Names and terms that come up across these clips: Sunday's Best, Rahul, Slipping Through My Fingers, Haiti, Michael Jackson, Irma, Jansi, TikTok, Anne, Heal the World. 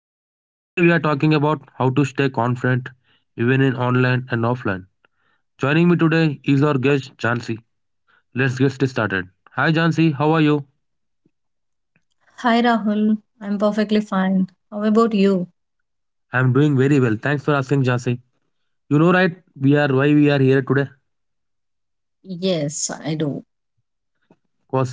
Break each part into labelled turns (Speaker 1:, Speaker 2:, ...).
Speaker 1: here. Today we are talking about how to stay confident even in online and offline. Joining me today is our guest Jansi. Let's get started. Hi Jansi, how are you?
Speaker 2: Hi Rahul, I'm perfectly fine. How about you?
Speaker 1: I'm doing very well. Thanks for asking Jansi. You know right, we are why we are here today
Speaker 2: Yes, I do.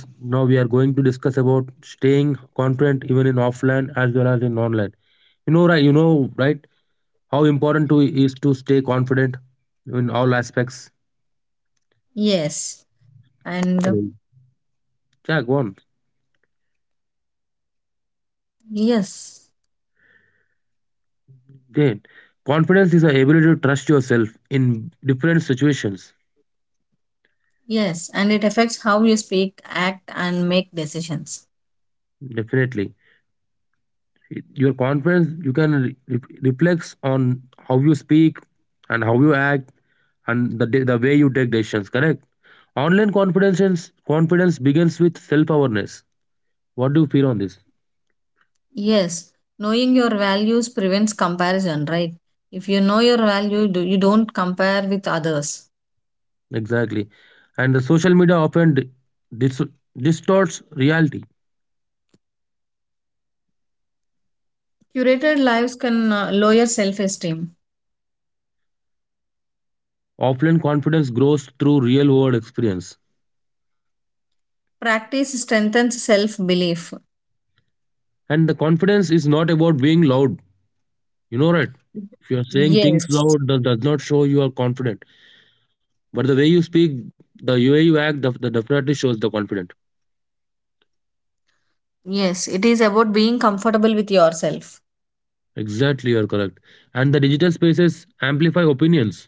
Speaker 1: because now we are going to discuss about staying confident even in offline as well as in online. You know right, how important to is to stay confident in all aspects.
Speaker 2: Yes, and uh,
Speaker 1: Absolutely. Yeah, go on.
Speaker 2: yes,
Speaker 1: Again, confidence is the ability to trust yourself in different situations.
Speaker 2: yes, and it affects how you speak, act, and make decisions.
Speaker 1: Definitely, your confidence you can re- re- reflects on how you speak and how you act and the way you take decisions. Correct. Online confidence begins with self awareness. What do you feel on this?
Speaker 2: Yes, knowing your values prevents comparison, right? If you know your value, you don't compare with others.
Speaker 1: Exactly, and the social media often dis- distorts reality.
Speaker 2: Curated lives can lower self esteem.
Speaker 1: Offline confidence grows through real world experience,
Speaker 2: Practice strengthens self belief.
Speaker 1: and the confidence is not about being loud. You know, right? If you are saying things
Speaker 2: Yes,
Speaker 1: loud, that does not show you are confident. But the way you speak, the way you act, the that definitely shows the confident.
Speaker 2: yes, it is about being comfortable with yourself.
Speaker 1: Exactly, you're correct. And the digital spaces amplify opinions.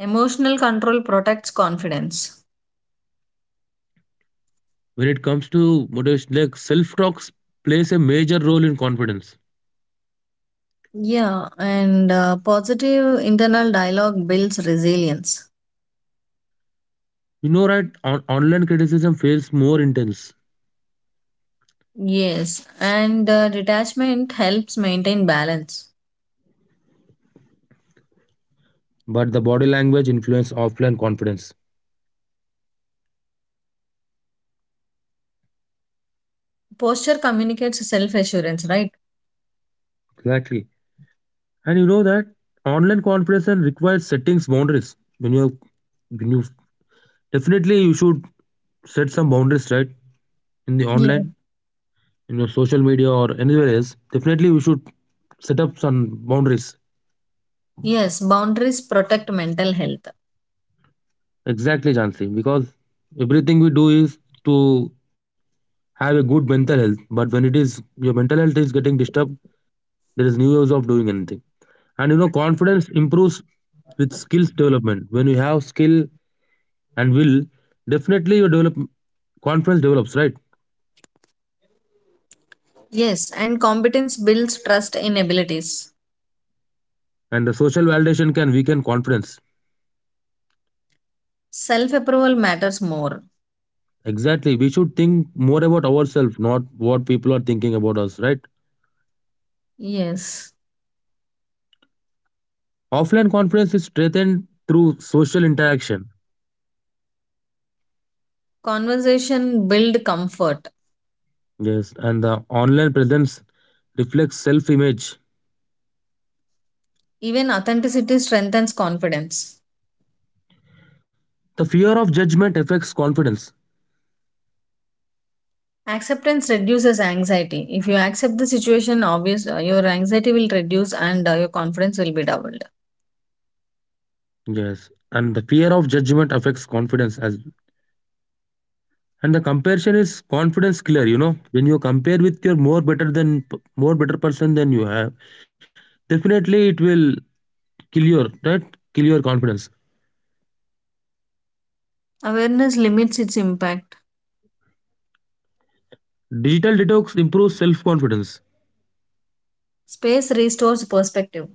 Speaker 2: Emotional control protects confidence.
Speaker 1: When it comes to motivation, like self-talk plays a major role in confidence.
Speaker 2: Yeah, and positive internal dialogue builds resilience.
Speaker 1: You know, right? Online criticism feels more intense,
Speaker 2: Yes, and detachment helps maintain balance.
Speaker 1: but the body language influence offline confidence.
Speaker 2: Posture communicates self assurance, right?
Speaker 1: Exactly. And you know that online confidence requires settings boundaries. When you Definitely, you should set some boundaries, right? In the
Speaker 2: Yes.
Speaker 1: online, in your social media, or anywhere else. Definitely, you should set up some boundaries.
Speaker 2: Yes, boundaries protect mental health.
Speaker 1: Exactly, Jansi, because everything we do is to have a good mental health. But when it is your mental health is getting disturbed, there is no use of doing anything. And you know, confidence improves with skills development. When you have skill and will, definitely your develop confidence develops, right?
Speaker 2: Yes, and competence builds trust in abilities.
Speaker 1: And the social validation can weaken confidence.
Speaker 2: Self approval matters more.
Speaker 1: Exactly. We should think more about ourselves, not what people are thinking about us, right?
Speaker 2: Yes.
Speaker 1: Offline confidence is strengthened through social interaction.
Speaker 2: Conversation build comfort.
Speaker 1: Yes. And the online presence reflects self image.
Speaker 2: Even authenticity strengthens confidence.
Speaker 1: The fear of judgment affects confidence.
Speaker 2: Acceptance reduces anxiety. If you accept the situation, obvious your anxiety will reduce and your confidence will be doubled.
Speaker 1: Yes. And the fear of judgment affects confidence as well. And the comparison is confidence killer, you know. When you compare with your more better than more better person than you have, definitely it will kill your, right? Kill your confidence.
Speaker 2: Awareness limits its impact.
Speaker 1: Digital detox improves self confidence.
Speaker 2: Space restores perspective.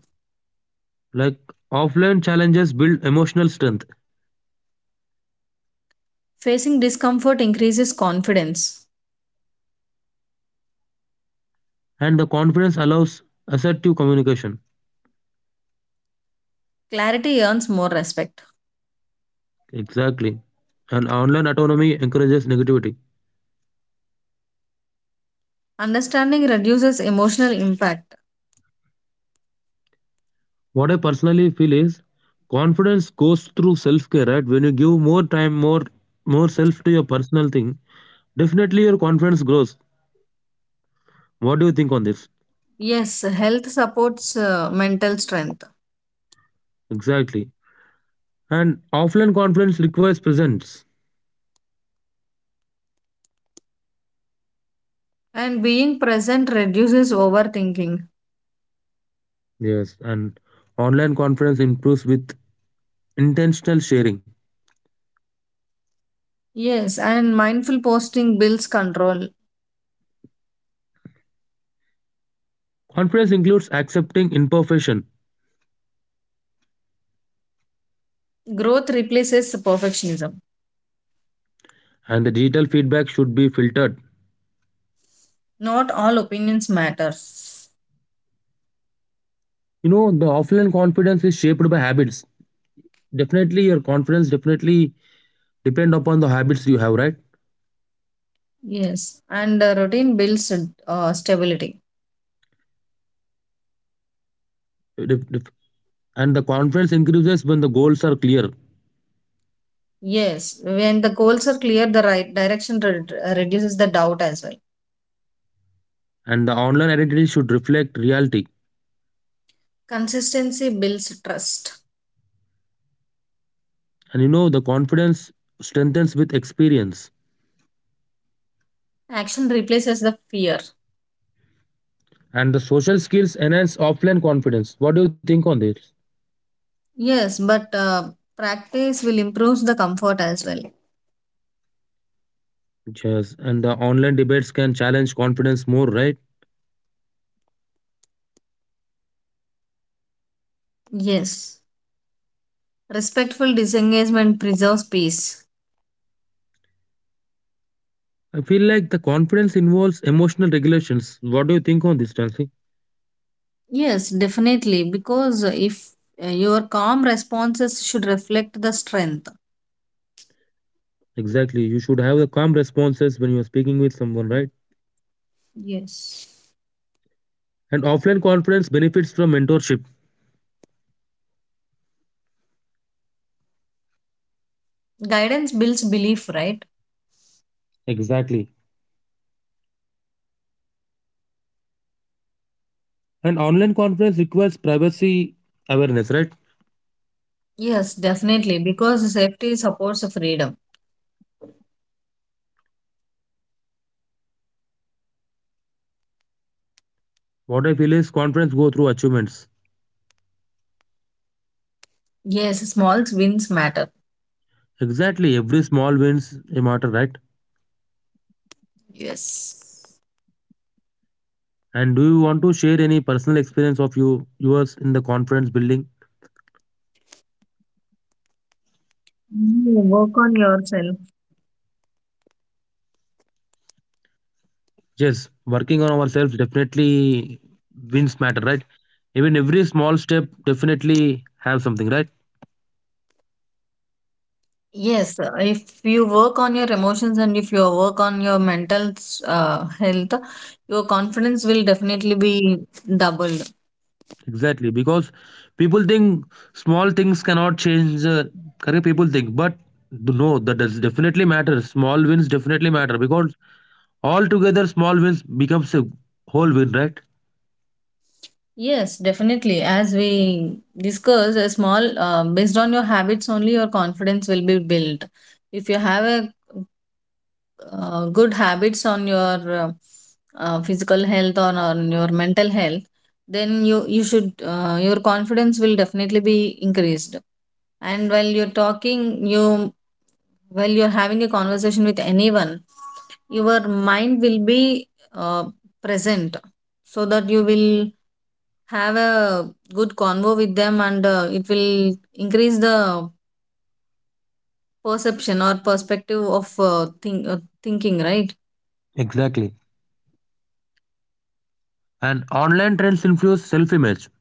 Speaker 1: Like offline challenges build emotional strength
Speaker 2: Facing discomfort increases confidence.
Speaker 1: and the confidence allows assertive communication.
Speaker 2: Clarity earns more respect.
Speaker 1: Exactly. And online autonomy encourages negativity.
Speaker 2: Understanding reduces emotional impact.
Speaker 1: What I personally feel is confidence goes through self-care, right? When you give more time, more self to your personal thing, definitely your confidence grows. What do you think on this?
Speaker 2: Yes, health supports mental strength.
Speaker 1: Exactly. And offline confidence requires presence.
Speaker 2: And being present reduces overthinking.
Speaker 1: Yes. And online confidence improves with intentional sharing.
Speaker 2: Yes, and mindful posting builds control.
Speaker 1: Confidence includes accepting imperfection
Speaker 2: Growth replaces perfectionism.
Speaker 1: and the digital feedback should be filtered.
Speaker 2: Not all opinions matters.
Speaker 1: You know the offline confidence is shaped by habits, definitely your confidence definitely depend upon the habits you have, right?
Speaker 2: Yes. And routine builds stability.
Speaker 1: Def- def- and the confidence increases when the goals are clear,
Speaker 2: Yes. When the goals are clear, the right direction reduces the doubt as well.
Speaker 1: and the online identity should reflect reality,
Speaker 2: Consistency builds trust.
Speaker 1: and you know the confidence strengthens with experience,
Speaker 2: Action replaces the fear.
Speaker 1: and the social skills enhance offline confidence. What do you think on this?
Speaker 2: Yes, but practice will improve the comfort as well.
Speaker 1: Yes, and the online debates can challenge confidence more, right?
Speaker 2: Yes. Respectful disengagement preserves peace.
Speaker 1: I feel like the confidence involves emotional regulations. What do you think on this, Nancy?
Speaker 2: Yes, definitely. Because if your calm responses should reflect the strength.
Speaker 1: Exactly. You should have the calm responses when you're speaking with someone, right?
Speaker 2: Yes.
Speaker 1: And offline conference benefits from mentorship.
Speaker 2: Guidance builds belief, right?
Speaker 1: Exactly. And online conference requires privacy awareness, right?
Speaker 2: Yes, definitely, because safety supports freedom.
Speaker 1: What I feel is conference go through achievements.
Speaker 2: Yes, small wins matter.
Speaker 1: Exactly. Every small wins a matter, right?
Speaker 2: Yes.
Speaker 1: And do you want to share any personal experience of yours in the conference building?
Speaker 2: Work on yourself.
Speaker 1: Yes, working on ourselves definitely wins matter, right? Even every small step definitely have something, right?
Speaker 2: Yes, if you work on your emotions and if you work on your mental health, your confidence will definitely be doubled.
Speaker 1: Exactly, because people think small things cannot change the correct people think, but no, that does definitely matter. Small wins definitely matter because altogether small wins becomes a whole win, right?
Speaker 2: Yes, definitely. As we discussed, a small based on your habits only, your confidence will be built. If you have a good habits on your uh, physical health or on your mental health, then you should your confidence will definitely be increased. And while you're talking, you while you're having a conversation with anyone, your mind will be uh, present, so that you will have a good convo with them, and it will increase the perception or perspective of thinking, right?
Speaker 1: Exactly. And online trends influence self-image.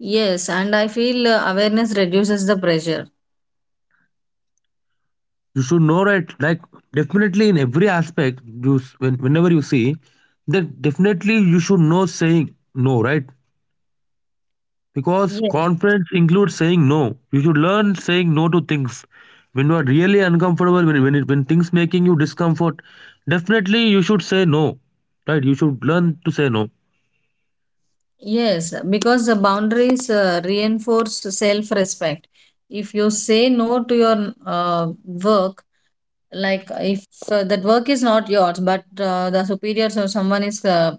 Speaker 2: Yes, and I feel awareness reduces the pressure.
Speaker 1: You should know, right? Like definitely in every aspect, whenever you see, then definitely you should know saying no, right? Because
Speaker 2: Yes.
Speaker 1: confidence includes saying no. You should learn saying no to things. When you are really uncomfortable, when things making you discomfort, definitely you should say no. Right? You should learn to say no.
Speaker 2: Yes, because the boundaries reinforce self respect. If you say no to your work, like if that work is not yours, but the superiors or someone is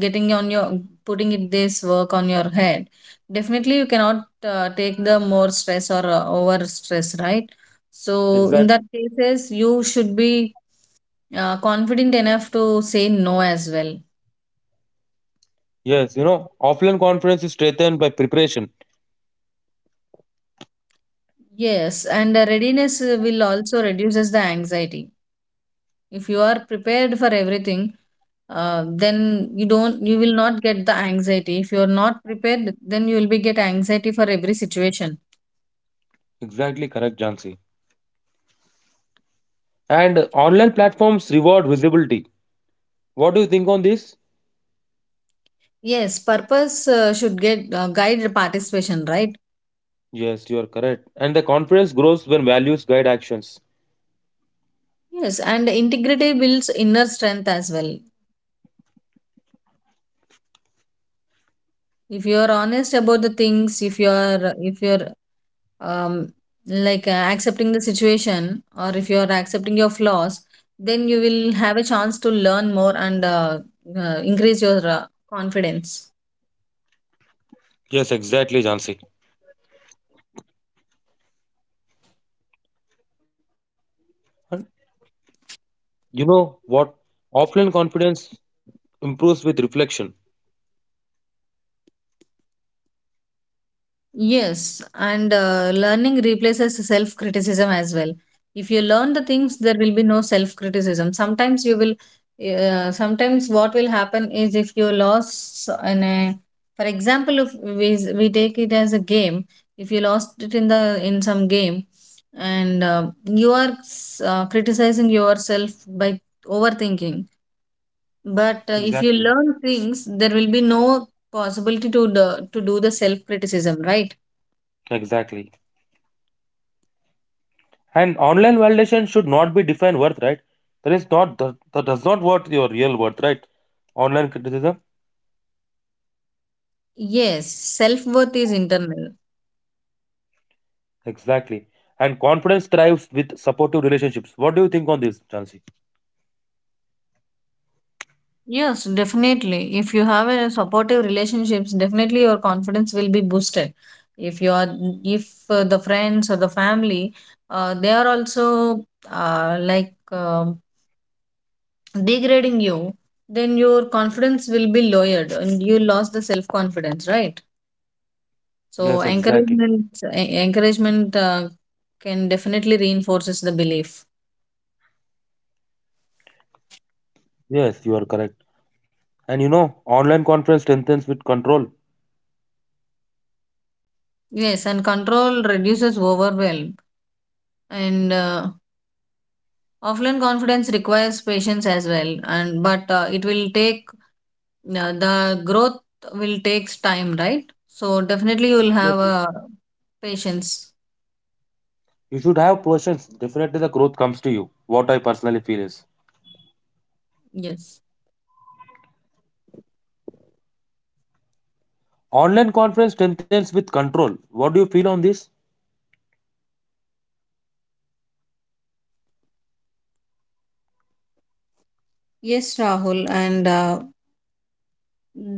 Speaker 2: getting on your putting it this work on your head, definitely you cannot take the more stress or over stress, right? So in that
Speaker 1: Exactly.
Speaker 2: cases, you should be confident enough to say no as well.
Speaker 1: Yes, you know, offline conference is strengthened by preparation.
Speaker 2: Yes, and the readiness will also reduces the anxiety. If you are prepared for everything, then you don't, you will not get the anxiety. If you are not prepared, then you will be get anxiety for every situation.
Speaker 1: Exactly correct, Jansi. And online platforms reward visibility. What do you think on this?
Speaker 2: Yes, purpose should get guide participation, right?
Speaker 1: Yes, you are correct. And the conference grows when values guide actions.
Speaker 2: Yes, and integrity builds inner strength as well. If you are honest about the things, if you are if your um, like accepting the situation or if you are accepting your flaws, then you will have a chance to learn more and increase your confidence.
Speaker 1: Yes, exactly, Jansi. You know what? Offline confidence improves with reflection.
Speaker 2: Yes, and learning replaces self criticism as well. If you learn the things, there will be no self criticism. Sometimes you will, sometimes what will happen is if you lost in a, for example, if we take it as a game, if you lost it in the in some game, and you are criticizing yourself by overthinking. But if you
Speaker 1: Exactly.
Speaker 2: learn things, there will be no possibility to the, to do the self criticism, right?
Speaker 1: Exactly. And online validation should not be defined worth, right? That is not that, that does not worth your real worth, right? Online criticism.
Speaker 2: Yes, self worth is internal.
Speaker 1: Exactly. And confidence thrives with supportive relationships. What do you think on this, Chansi?
Speaker 2: Yes, definitely. If you have a supportive relationships, definitely your confidence will be boosted. If you are, if the friends or the family, they are also uh, like um degrading you, then your confidence will be lowered and you lost the self confidence, right? So
Speaker 1: Yes, exactly.
Speaker 2: encouragement, encouragement can definitely reinforces the belief.
Speaker 1: Yes, you are correct. And you know, online confidence strengthens with control.
Speaker 2: Yes, and control reduces overwhelm and. Offline confidence requires patience as well, and but it will take the growth will takes time, right? So definitely you will have
Speaker 1: Exactly.
Speaker 2: a patience.
Speaker 1: You should have questions. Definitely the growth comes to you. What I personally feel is.
Speaker 2: Yes.
Speaker 1: Online conference strengthens with control. What do you feel on this?
Speaker 2: Yes, Rahul, and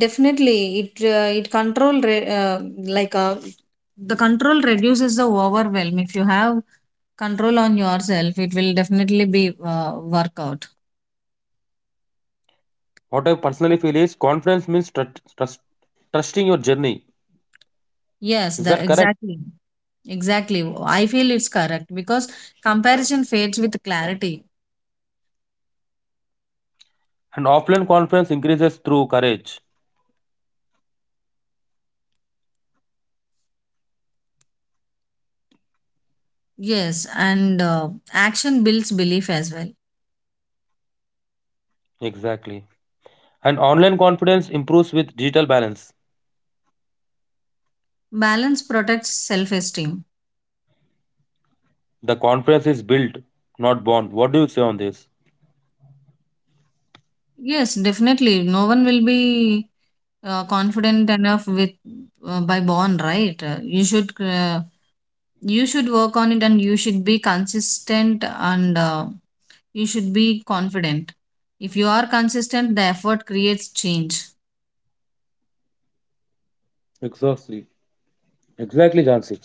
Speaker 2: definitely it control like uh, the control reduces the overwhelm. If you have control on yourself, it will definitely be work out.
Speaker 1: What I personally feel is conference means trusting your journey.
Speaker 2: Yes,
Speaker 1: Is
Speaker 2: the
Speaker 1: that correct?
Speaker 2: exactly. Exactly. I feel it's correct because comparison fades with clarity.
Speaker 1: And offline conference increases through courage.
Speaker 2: Yes, and action builds belief as well.
Speaker 1: Exactly. And online confidence improves with digital balance.
Speaker 2: Balance protects self esteem.
Speaker 1: The conference is built, not born. What do you say on this?
Speaker 2: Yes, definitely. No one will be confident enough with by born, right? You should you should work on it, and you should be consistent, and you should be confident. If you are consistent, the effort creates change.
Speaker 1: Exactly. Exactly, Jansi.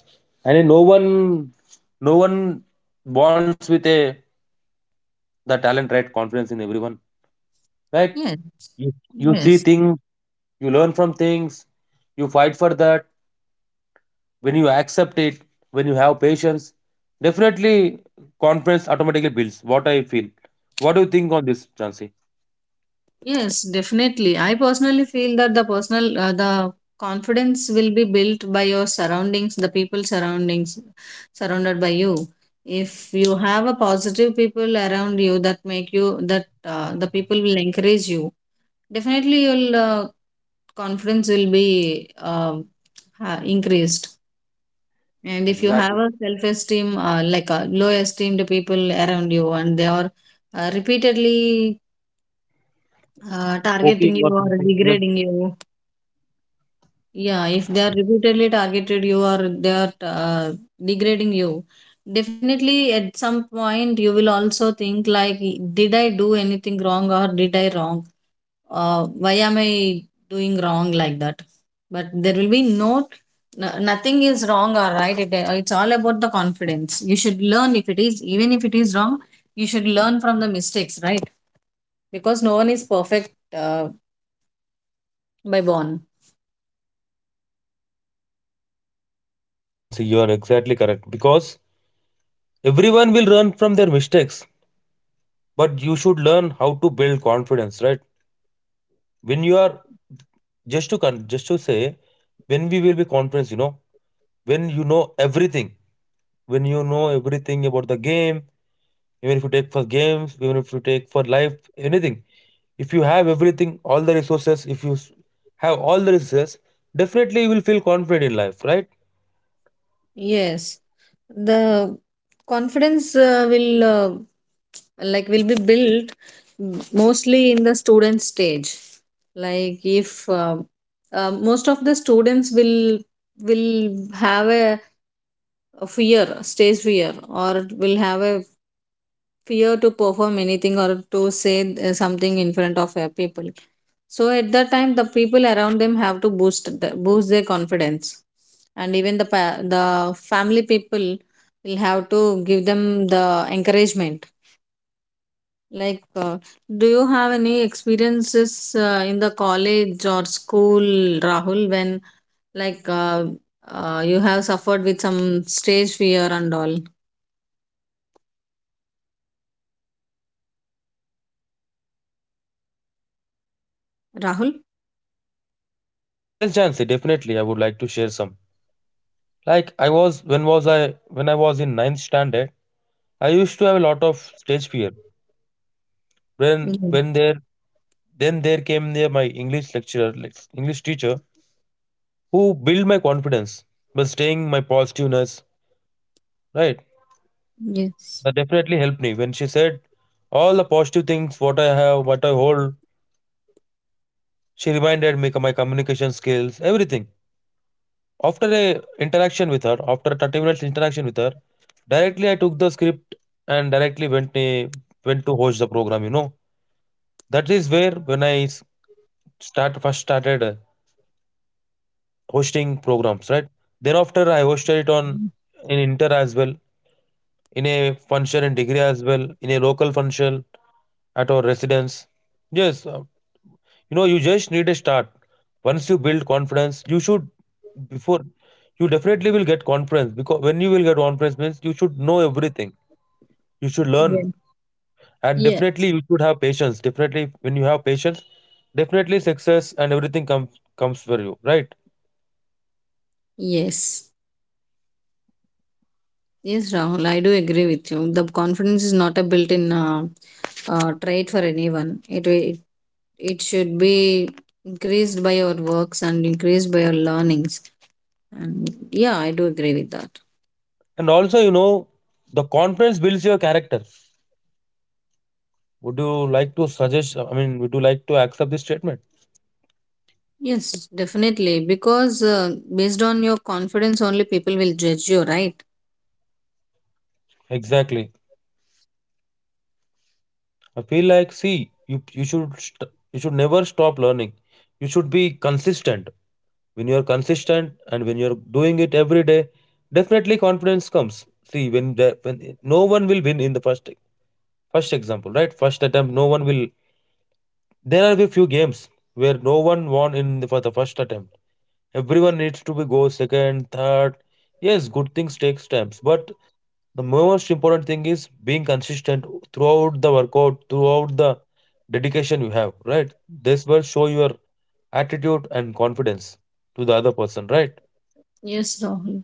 Speaker 1: And no one bonds with a the talent, right? Confidence in everyone, right?
Speaker 2: Yes.
Speaker 1: You, you see
Speaker 2: Yes.
Speaker 1: things, you learn from things, you fight for that. When you accept it, when you have patience, definitely confidence automatically builds. What I feel. What do you think on this, Jansi?
Speaker 2: Yes, definitely. I personally feel that the personal, the confidence will be built by your surroundings, the people surroundings, surrounded by you. If you have a positive people around you that make you, that the people will encourage you, definitely you'll confidence will be increased, and if you have
Speaker 1: Exactly.
Speaker 2: a self esteem like a low esteemed people around you and they are repeatedly targeting
Speaker 1: Poking or
Speaker 2: you or
Speaker 1: something. Yes,
Speaker 2: degrading you. Yeah, if they are repeatedly targeted you or they are degrading you, definitely at some point you will also think like, did I do anything wrong or did I wrong? Why am I doing wrong like that? But there will be no, no nothing is wrong or right. It's all about the confidence. You should learn if it is, even if it is wrong, you should learn from the mistakes, right? Because no one is perfect by born.
Speaker 1: yes Jansi, you are exactly correct. Because everyone will learn from their mistakes, but you should learn how to build confidence, right? When you are just to say, when we will be confident, you know, when you know everything when you know everything about the game, even if you take for games, even if you take for life anything, if you have everything all the resources, if you s- have all the resources, definitely you will feel confident in life, right?
Speaker 2: Yes, the confidence will like will be built mostly in the student stage. Like if most of the students will have a fear, stage fear, or will have a fear to perform anything or to say something in front of people, so at that time the people around them have to boost their confidence, and even the family people will have to give them the encouragement, like do you have any experiences in the college or school, Rahul, when like uh, you have suffered with some stage fear and all, Rahul?
Speaker 1: Yes, Jansi, definitely I would like to share some. Like I was when was I when I was in ninth standard, I used to have a lot of stage fear. when
Speaker 2: Yeah.
Speaker 1: when there, then there came there my English lecturer, like, English teacher who built my confidence by staying my positiveness, right?
Speaker 2: Yes.
Speaker 1: That definitely helped me. When she said all the positive things, what I have, what I hold, she reminded me of my communication skills, everything. After a 30 minutes interaction with her, directly I took the script and directly went to host the program. You know, that is where when I s- start first started hosting programs, right? Then after I hosted it on in inter as well, in a function in degree as well, in a local function at our residence. Yes, you know, you just need a start. Once you build confidence, you should before you definitely will get confidence, because when you will get confidence means you should know everything. You should learn
Speaker 2: Yeah.
Speaker 1: and
Speaker 2: Yeah.
Speaker 1: definitely you should have patience. Definitely when you have patience, definitely success and everything comes for you, right?
Speaker 2: Yes. Yes, Rahul, I do agree with you. The confidence is not a built-in trait for anyone. It should be increased by your works and increased by your learnings. And yeah, I do agree with that.
Speaker 1: And also, you know, the confidence builds your character. Would you like to suggest? I mean, would you like to accept this statement?
Speaker 2: Yes, definitely. Because based on your confidence, only people will judge you, right?
Speaker 1: Exactly. I feel like see you should never stop learning. You should be consistent. When you are consistent and when you are doing it every day, definitely confidence comes. See, when no one will win in the first example, right? First attempt, no one will. There are a few games where no one won for the first attempt. Everyone needs to be go second, third. Yes, good things takes times, but the most important thing is being consistent throughout the workout throughout the dedication you have, right? This will show your attitude and confidence to the other person, right?
Speaker 2: Yes, Rahul.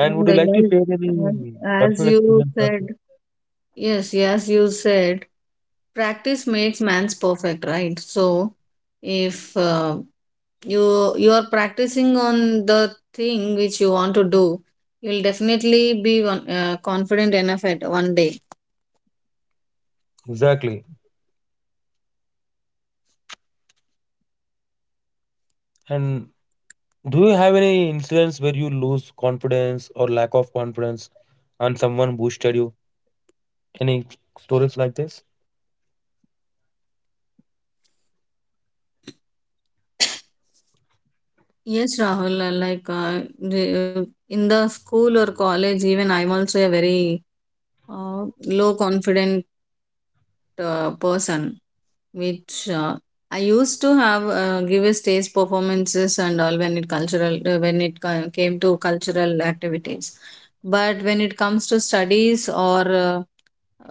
Speaker 1: And would
Speaker 2: And
Speaker 1: you like to share any
Speaker 2: as
Speaker 1: personal
Speaker 2: you
Speaker 1: experience? Also?
Speaker 2: said, Yes, you said practice makes man's perfect, right? So, if you you are practicing on the thing which you want to do, you'll definitely be one, confident enough at one day.
Speaker 1: Exactly. And do you have any incidents where you lose confidence or lack of confidence and someone boosted you? Any stories like this?
Speaker 2: Yes, Rahul. The- in the school or college, even I'm also a very uh, low confident person, which I used to have give a stage performances and all when it cultural when it came to cultural activities, but when it comes to studies or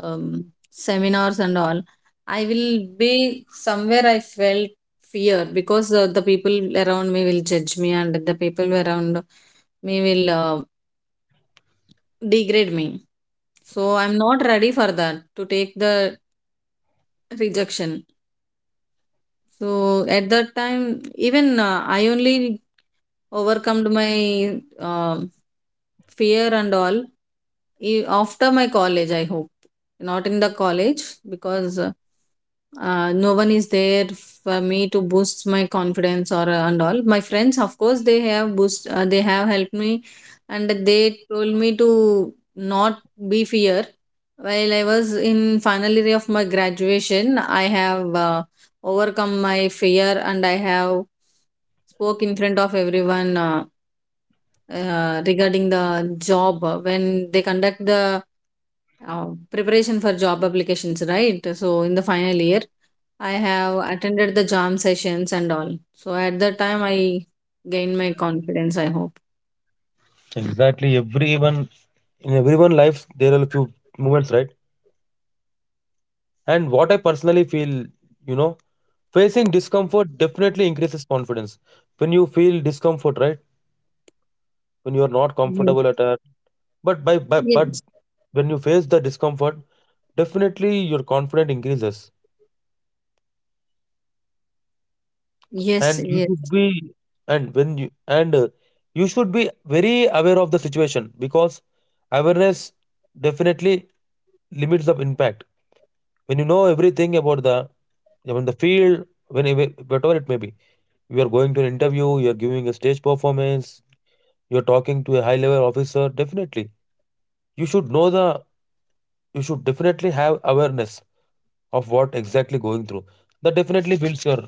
Speaker 2: um, seminars and all, I will be somewhere I felt fear because the people around me will judge me and the people around me will degrade me. So I'm not ready for that to take the rejection. So at that time, even I only overcome my fear and all after my college, I hope, not in the college, because no one is there for me to boost my confidence or and all my friends, of course, they have boost they have helped me, and they told me to not be fear. While I was in final year of my graduation, I have overcome my fear, and I have spoke in front of everyone regarding the job when they conduct the uh, preparation for job applications, right? So, in the final year, I have attended the jam sessions and all. So, at that time, I gained my confidence, I hope.
Speaker 1: Exactly. Everyone life there are a few moments, right? And what I personally feel, you know, facing discomfort definitely increases confidence. When you feel discomfort, right? When you are not
Speaker 2: Yes.
Speaker 1: comfortable at a. But by but
Speaker 2: Yes.
Speaker 1: when you face the discomfort, definitely your confidence increases,
Speaker 2: Yes,
Speaker 1: and you
Speaker 2: yes,
Speaker 1: should be and when you and you should be very aware of the situation, because awareness definitely limits the impact. When you know everything about the field, when whatever it may be, you are going to an interview, you are giving a stage performance, you are talking to a high level officer. Definitely, you should know the you should definitely have awareness of what exactly going through. That definitely builds your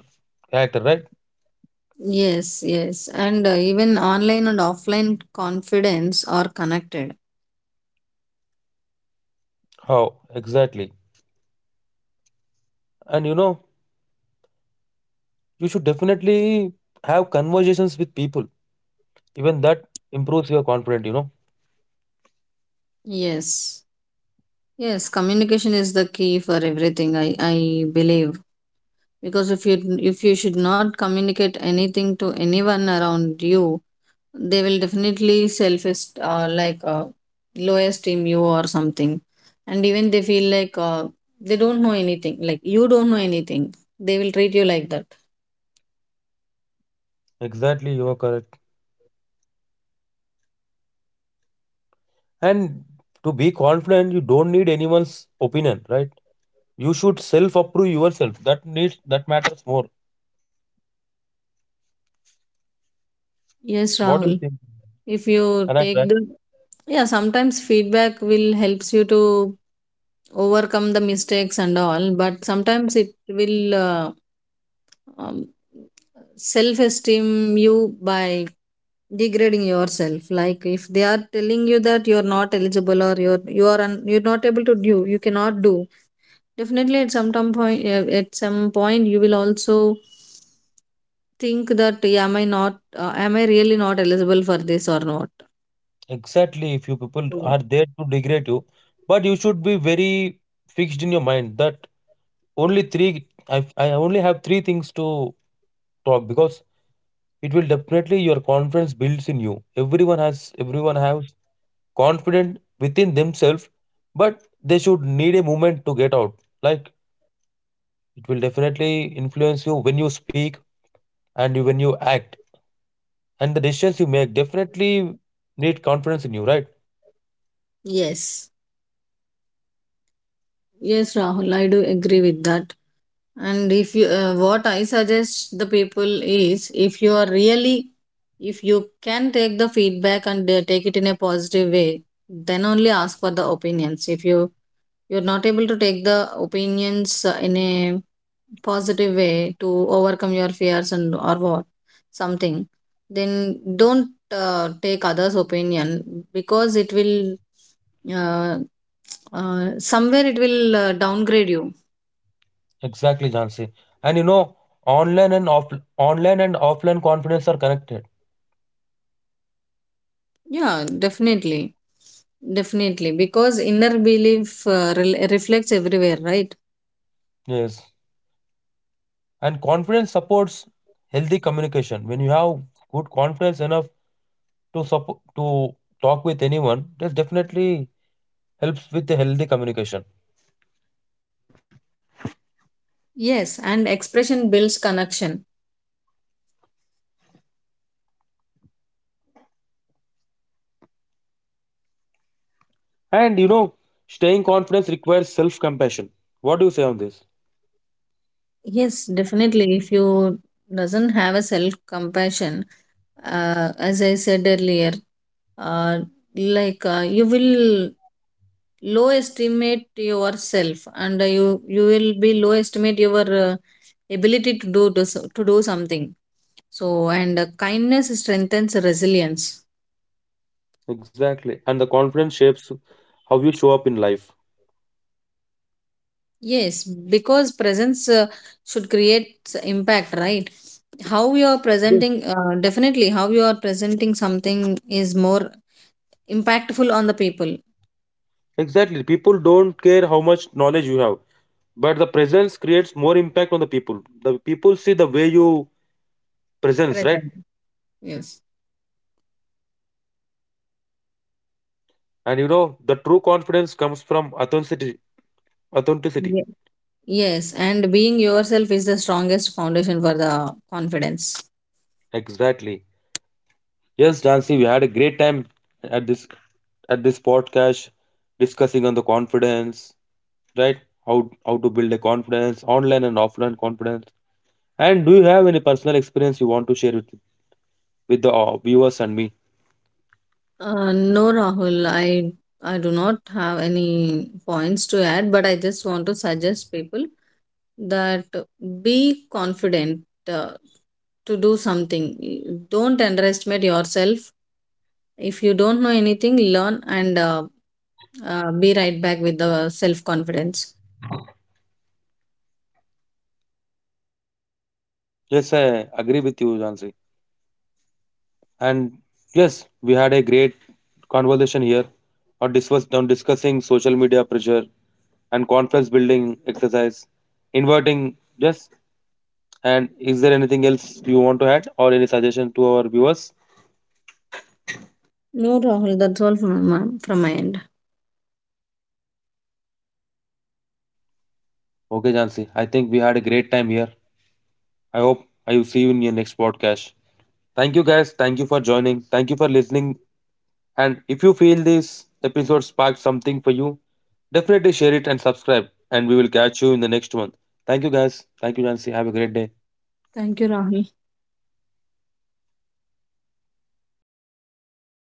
Speaker 1: character, right?
Speaker 2: yes, yes. And even online and offline confidence are connected.
Speaker 1: How exactly? And you know, you should definitely have conversations with people. Even that improves your confidence, you know.
Speaker 2: Yes. Yes, communication is the key for everything, I believe. Because if you, if you should not communicate anything to anyone around you, they will definitely selfish low esteem you or something, and even they feel like they don't know anything, like you don't know anything, they will treat you like that.
Speaker 1: Exactly, you are correct. And to be confident, you don't need anyone's opinion, right? You should self-approve yourself. That matters more.
Speaker 2: Yes,
Speaker 1: What do
Speaker 2: Rahul.
Speaker 1: you think?
Speaker 2: If you
Speaker 1: Correct,
Speaker 2: take
Speaker 1: right?
Speaker 2: the, yeah, sometimes feedback will helps you to overcome the mistakes and all, but sometimes it will uh, um, self esteem you by degrading yourself, like if they are telling you that you are not eligible or you're you are you're not able to do, you cannot do, definitely at some time point at some point you will also think that "Yeah, am I not am I really not eligible for this or not?"
Speaker 1: Exactly. If you people are
Speaker 2: So,
Speaker 1: there to degrade you, but you should be very fixed in your mind that only three. I only have three things to talk because it will definitely your confidence builds in you. Everyone has confident within themselves, but they should need a moment to get out. Like it will definitely influence you when you speak and when you act and the decisions you make. Definitely need confidence in you, right?
Speaker 2: yes. Yes, Rahul, I do agree with that. And if you, what I suggest the people is, if you are really, if you can take the feedback and take it in a positive way, then only ask for the opinions. If you you're not able to take the opinions in a positive way to overcome your fears and or what something, then don't take others' opinion, because it will uh, somewhere it will downgrade you.
Speaker 1: Exactly, Jansi. And you know, online and off online and offline confidence are connected.
Speaker 2: Yeah, definitely. Definitely, because inner belief rel reflects everywhere, right?
Speaker 1: Yes. And confidence supports healthy communication. When you have good confidence enough to talk with anyone, that definitely helps with the healthy communication.
Speaker 2: Yes, and expression builds connection.
Speaker 1: And you know, staying confidence requires self compassion. What do you say on this?
Speaker 2: Yes, definitely. If you doesn't have a self compassion, as I said earlier, uh, you will low estimate yourself, and you will be low estimate your ability to to do something. So and kindness strengthens resilience.
Speaker 1: Exactly. And the confidence shapes how you show up in life.
Speaker 2: Yes, because presence should create impact, right? How you are
Speaker 1: Yes,
Speaker 2: presenting definitely how you are presenting something is more impactful on the people
Speaker 1: exactly. People don't care how much knowledge you have, but the presence creates more impact on the people. The people see the way you presence, right?
Speaker 2: present. Yes.
Speaker 1: And you know, the true confidence comes from authenticity.
Speaker 2: Ye- yes, and being yourself is the strongest foundation for the confidence.
Speaker 1: Exactly. Yes, Jansi, we had a great time at this podcast discussing on the confidence, right? How to build a confidence, online and offline confidence. And do you have any personal experience you want to share with the viewers and me?
Speaker 2: No, Rahul, I do not have any points to add, but I just want to suggest people that be confident uh, to do something, don't underestimate yourself. If you don't know anything, learn and be right back with the self confidence.
Speaker 1: Yes, I agree with you, Jansi. And yes, we had a great conversation here on discussing social media pressure and confidence building exercise, inverting. Yes. And is there anything else you want to add or any suggestion to our viewers?
Speaker 2: No, Rahul, that's all from my end.
Speaker 1: Okay, Jansi, I think we had a great time here. I hope I will see you in your next podcast. Thank you, guys. Thank you for joining. Thank you for listening. And if you feel this episode sparked something for you, definitely share it and subscribe. And we will catch you in the next one. Thank you, guys. Thank you, Jansi. Have a great day.
Speaker 2: Thank you, Rahul.